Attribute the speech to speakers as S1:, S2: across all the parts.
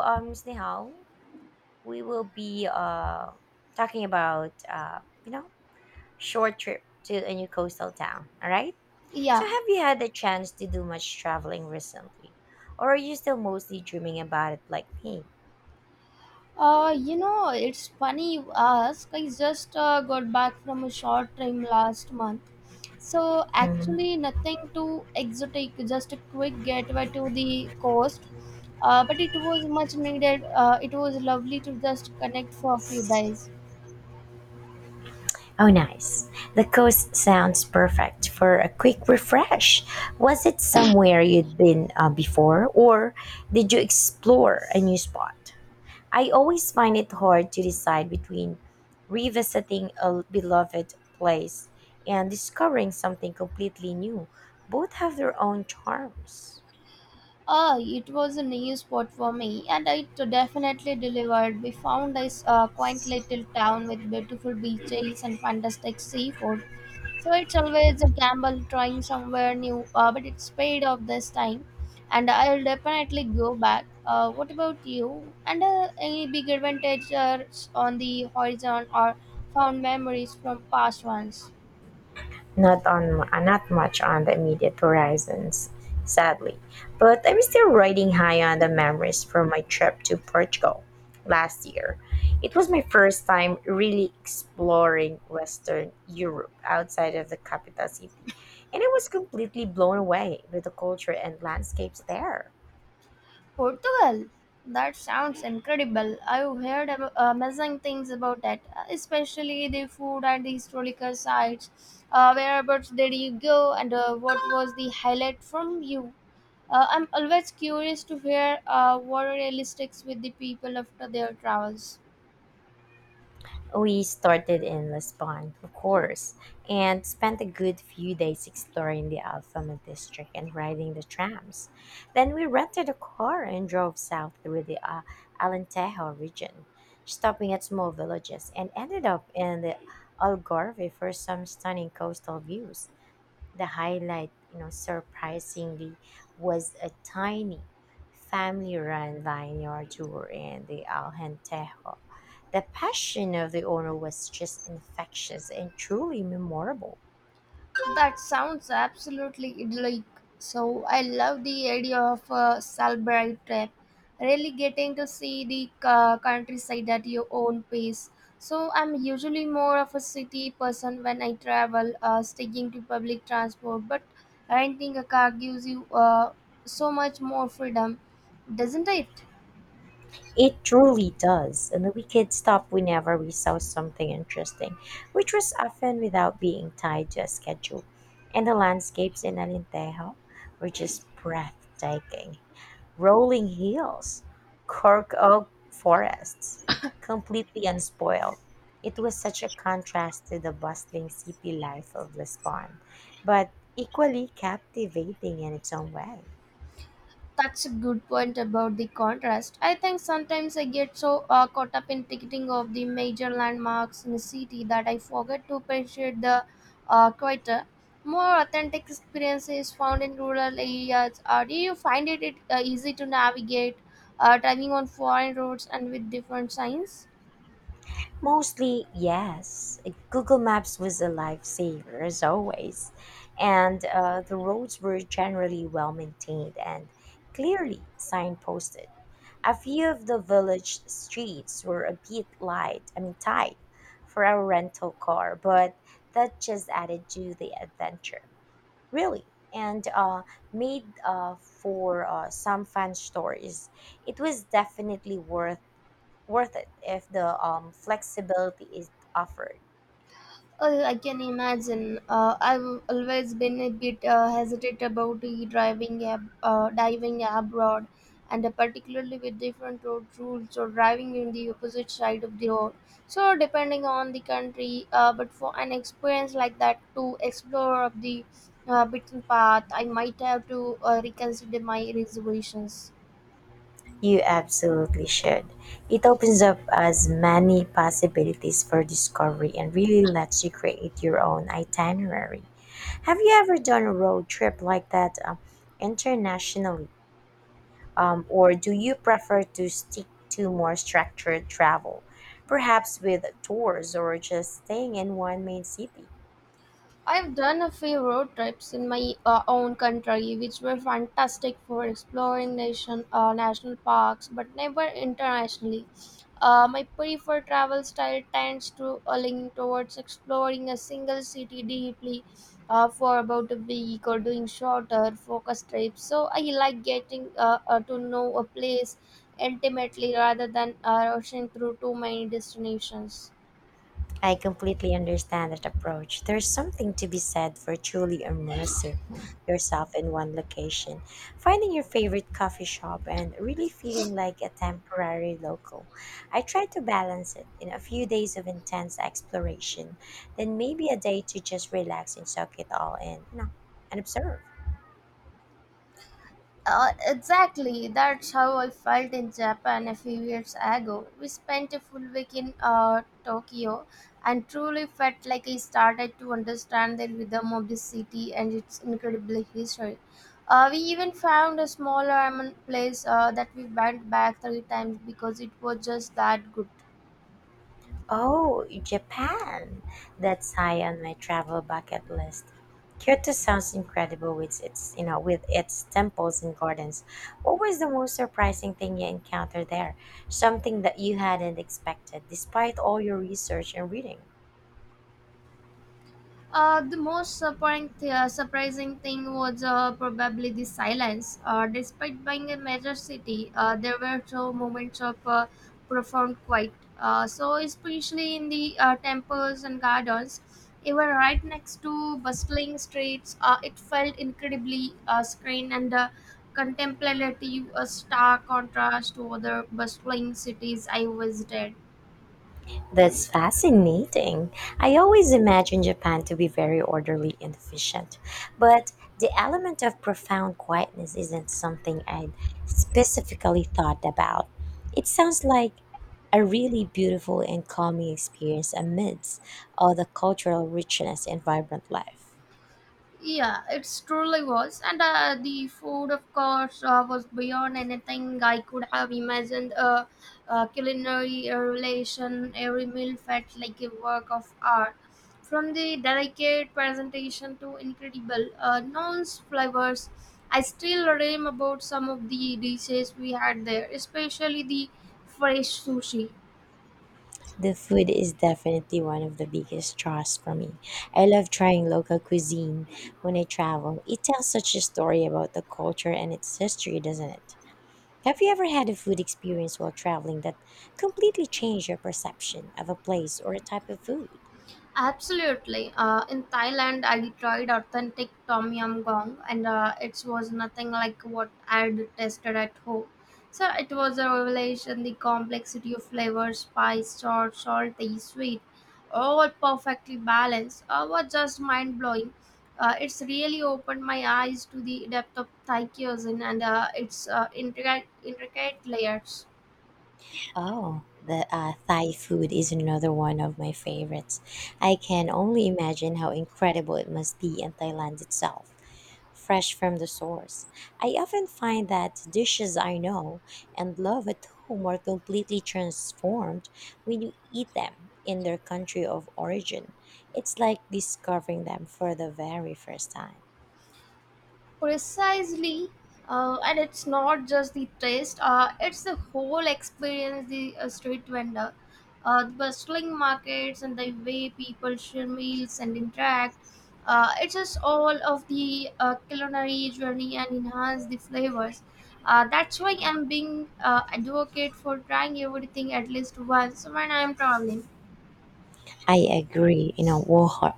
S1: Snehal, we will be talking about, you know, short trip to a new coastal town. All right. So,
S2: Yeah.
S1: have you had the chance to do much traveling recently, or are you still mostly dreaming about it like me?
S2: You know, it's funny you ask. I just got back from a short trim last month.
S1: Hmm.
S2: Actually, nothing too exotic, just a quick getaway to the coast. But it was much needed. It was lovely to just connect for a few days.
S1: Oh, nice. The coast sounds perfect for a quick refresh. Was it somewhere you'd been before, or did you explore a new spot? I always find it hard to decide between revisiting a beloved place and discovering something completely new. Both have their own charms.
S2: It was a new spot for me, and it definitely delivered. We found this quaint little town with beautiful beaches and fantastic seafood. So it's always a gamble trying somewhere new, but it's paid off this time, and I'll definitely go back. What about you? And Any big advantages on the horizon or found memories from past ones?
S1: Not on not much on the immediate horizons, sadly, but I'm still riding high on the memories from my trip to Portugal last year. It was my first time really exploring Western Europe outside of the capital city, and I was completely blown away with the culture and landscapes there.
S2: Portugal. That sounds incredible. I've heard amazing things about it, especially the food and the historical sites. Whereabouts did you go, and what was the highlight from you? I'm always curious to hear what really sticks with the people after their travels.
S1: We started in Lisbon, of course, and spent a good few days exploring the Alfama district and riding the trams. Then we rented a car and drove south through the Alentejo region, stopping at small villages, and ended up in the Algarve for some stunning coastal views. The highlight, surprisingly, was a tiny family-run vineyard tour in the Aljentejo. The passion of the owner was just infectious and truly memorable.
S2: That sounds absolutely idyllic. So I love the idea of a Salbright trip, really getting to see the countryside at your own pace. So I'm usually more of a city person when I travel, sticking to public transport, but renting a car gives you so much more freedom, doesn't it?
S1: It truly does. And we could stop whenever we saw something interesting, which was often, without being tied to a schedule. And the landscapes in Alentejo were just breathtaking. Rolling hills, cork oak forests, completely unspoiled. It was such a contrast to the bustling city life of Lisbon, but equally captivating in its own way.
S2: That's a good point about the contrast. I think sometimes I get so caught up in ticketing of the major landmarks in the city that I forget to appreciate the quieter, more authentic experiences found in rural areas. Do you find it easy to navigate driving on foreign roads and with different signs?
S1: Mostly, yes. Google Maps was a lifesaver, as always. And the roads were generally well maintained and clearly signposted. A few of the village streets were a bit light, I mean tight, for a rental car, but that just added to the adventure, really, and made for some fun stories. It was definitely worth it if the flexibility is offered.
S2: Oh, I can imagine. I've always been a bit hesitant about the driving diving abroad, and particularly with different road rules or driving in the opposite side of the road. So, depending on the country, but for an experience like that to explore of the beaten path, I might have to reconsider my reservations.
S1: You absolutely should. It opens up as many possibilities for discovery and really lets you create your own itinerary. Have you ever done a road trip like that internationally? Or do you prefer to stick to more structured travel, perhaps with tours or just staying in one main city?
S2: I've done a few road trips in my own country, which were fantastic for exploring national parks, but never internationally. My preferred travel style tends to lean towards exploring a single city deeply for about a week or doing shorter focus trips. So I like getting to know a place intimately rather than rushing through too many destinations.
S1: I completely understand that approach. There's something to be said for truly immersing yourself in one location, finding your favorite coffee shop, and really feeling like a temporary local. I try to balance it in a few days of intense exploration, then maybe a day to just relax and soak it all in, you know, and observe.
S2: Exactly, that's how I felt in Japan a few years ago. We spent a full week in Tokyo and truly felt like I started to understand the rhythm of the city and its incredible history. We even found a small ramen place that we went back three times because it was just that good.
S1: Oh, Japan! That's high on my travel bucket list. Kyoto sounds incredible with its, you know, with its temples and gardens. What was the most surprising thing you encountered there? Something that you hadn't expected, despite all your research and reading.
S2: The most surprising, surprising thing was probably the silence. Despite being a major city, there were so moments of profound quiet. Especially in the temples and gardens, even right next to bustling streets, it felt incredibly serene and contemplative, a stark contrast to other bustling cities I visited.
S1: That's fascinating. I always imagined Japan to be very orderly and efficient, but the element of profound quietness isn't something I'd specifically thought about. It sounds like a really beautiful and calming experience amidst all the cultural richness and vibrant life.
S2: Yeah, it truly was. And The food, of course, was beyond anything I could have imagined. A culinary relation, every meal felt like a work of art. From the delicate presentation to incredible nuanced flavors, I still dream about some of the dishes we had there, especially the fresh sushi.
S1: The food is definitely one of the biggest draws for me. I love trying local cuisine when I travel. It tells such a story about the culture and its history, doesn't it? Have you ever had a food experience while traveling that completely changed your perception of a place or a type of food?
S2: Absolutely. In Thailand, I tried authentic tom yum goong, and it was nothing like what I had tasted at home. So it was a revelation. The complexity of flavors, spice, salt, salty, sweet, all perfectly balanced, was just mind blowing. It's really opened my eyes to the depth of Thai cuisine and its intricate layers.
S1: Oh, the Thai food is another one of my favorites. I can only imagine how incredible it must be in Thailand itself, fresh from the source. I often find that dishes I know and love at home are completely transformed when you eat them in their country of origin. It's like discovering them for the very first time.
S2: Precisely. Uh, and it's not just the taste. Uh, it's the whole experience, the street vendor, the bustling markets, and the way people share meals and interact. Uh, it's just all of the culinary journey and enhance the flavors. Uh, that's why I'm being advocate for trying everything at least once when I'm traveling.
S1: I agree, you know,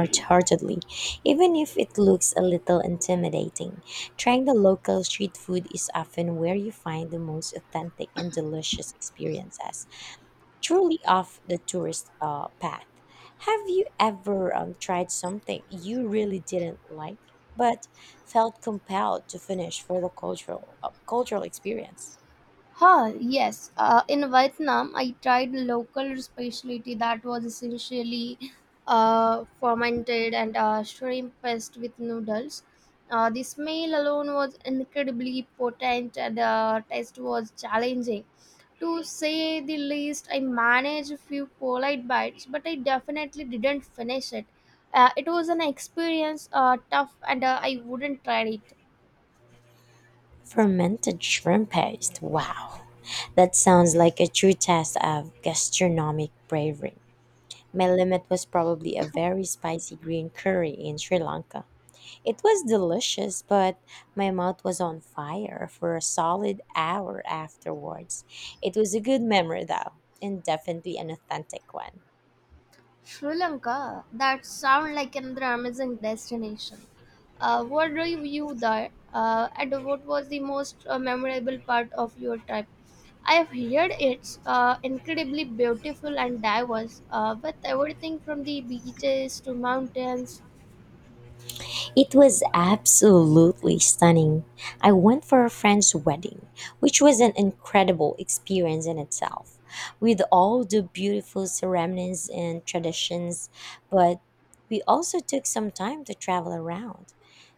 S1: wholeheartedly. Even if it looks a little intimidating, trying the local street food is often where you find the most authentic and delicious experiences, truly off the tourist path. Have you ever tried something you really didn't like, but felt compelled to finish for the cultural experience?
S2: Huh, yes. In Vietnam, I tried local specialty that was essentially fermented and shrimp paste with noodles. The smell alone was incredibly potent and the taste was challenging. To say the least, I managed a few polite bites, but I definitely didn't finish it. It was an experience, tough, and I wouldn't try it.
S1: Fermented shrimp paste. Wow. That sounds like a true test of gastronomic bravery. My limit was probably a very spicy green curry in Sri Lanka. It was delicious, but my mouth was on fire for a solid hour afterwards. It was a good memory, though, and definitely an authentic one.
S2: Sri Lanka, that sound like another amazing destination. What drew you view there, and what was the most memorable part of your trip? I have heard it's incredibly beautiful and diverse, with everything from the beaches to mountains.
S1: It was absolutely stunning. I went for a friend's wedding, which was an incredible experience in itself, with all the beautiful ceremonies and traditions. But we also took some time to travel around.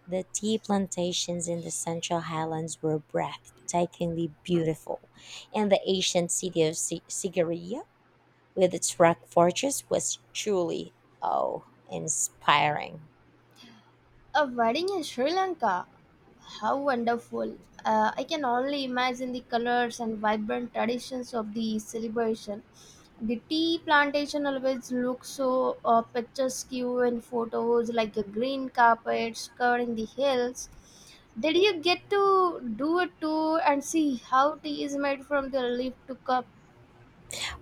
S1: The tea plantations in the Central Highlands were breathtakingly beautiful, and the ancient city of Sigiriya with its rock fortress was truly, oh, inspiring.
S2: A wedding in Sri Lanka. How wonderful. I can only imagine the colors and vibrant traditions of the celebration. The tea plantation always looks so picturesque in photos, like a green carpet covering the hills. Did you get to do a tour and see how tea is made from the leaf to cup?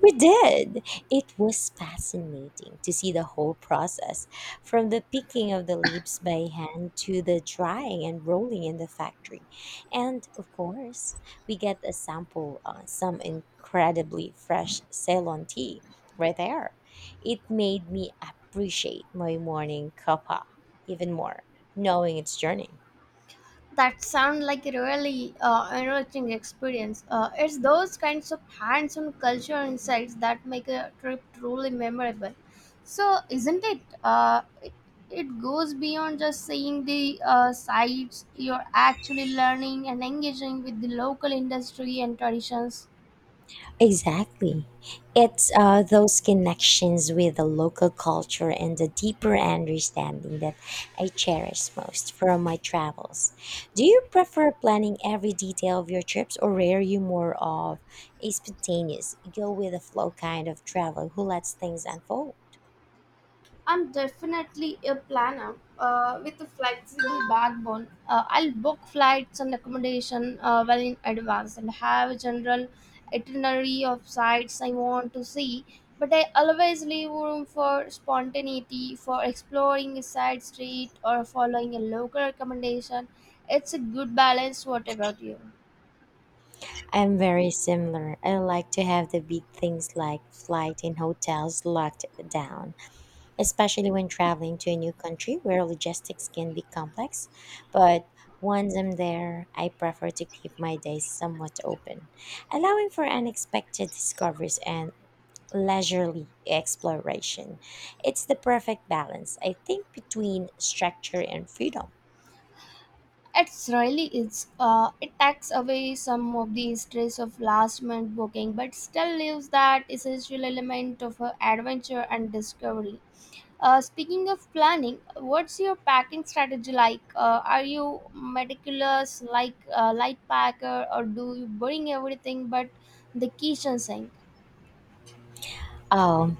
S1: We did. It was fascinating to see the whole process from the picking of the leaves by hand to the drying and rolling in the factory. And of course, we get a sample some incredibly fresh Ceylon tea right there. It made me appreciate my morning cuppa even more, knowing its journey.
S2: That sound like a really enriching experience. It's those kinds of hands-on cultural insights that make a trip truly memorable. So, isn't it? It goes beyond just seeing the sights. You're actually learning and engaging with the local industry and traditions.
S1: Exactly. It's those connections with the local culture and the deeper understanding that I cherish most from my travels. Do you prefer planning every detail of your trips, or are you more of a spontaneous, go with the flow kind of traveler who lets things unfold?
S2: I'm definitely a planner with a flexible backbone. I'll book flights and accommodation well in advance and have a general itinerary of sites I want to see. But I always leave room for spontaneity, for exploring a side street or following a local recommendation. It's a good balance. What about you?
S1: I'm very similar. I like to have the big things like flight and hotels locked down, especially when traveling to a new country where logistics can be complex. But once I'm there, I prefer to keep my days somewhat open, allowing for unexpected discoveries and leisurely exploration. It's the perfect balance, I think, between structure and freedom.
S2: It's really is. It takes away some of the stress of last minute booking, but still leaves that essential element of adventure and discovery. Speaking of planning, what's your packing strategy like? Are you meticulous, like light packer, or do you bring everything but the kitchen sink?
S1: Oh,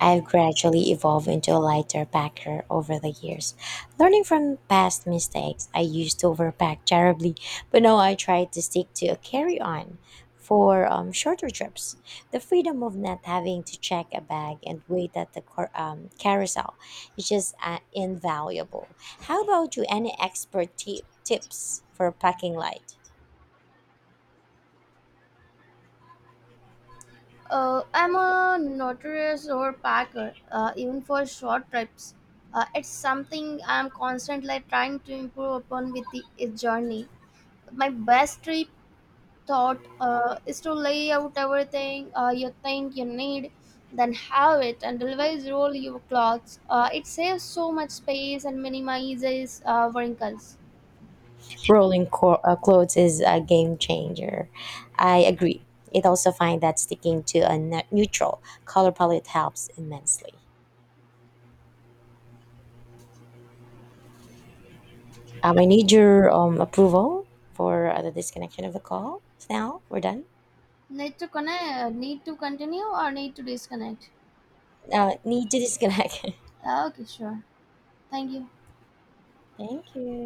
S1: I've gradually evolved into a lighter packer over the years. Learning from past mistakes, I used to overpack terribly, but now I try to stick to a carry on for shorter trips. The freedom of not having to check a bag and wait at the carousel is just invaluable. How about you? Any expert tips for packing light?
S2: I'm a notorious overpacker, even for short trips. It's something I'm constantly trying to improve upon with the its journey. My best trip thought is to lay out everything you think you need, then have it, and always roll your clothes. It saves so much space and minimizes wrinkles.
S1: Rolling clothes is a game changer. I agree. It also find that sticking to a neutral color palette helps immensely. I need your approval for the disconnection of the call. Snell, we're done.
S2: Need to connect? Need to continue or need to disconnect?
S1: Need to disconnect.
S2: Okay, sure. Thank you.
S1: Thank you.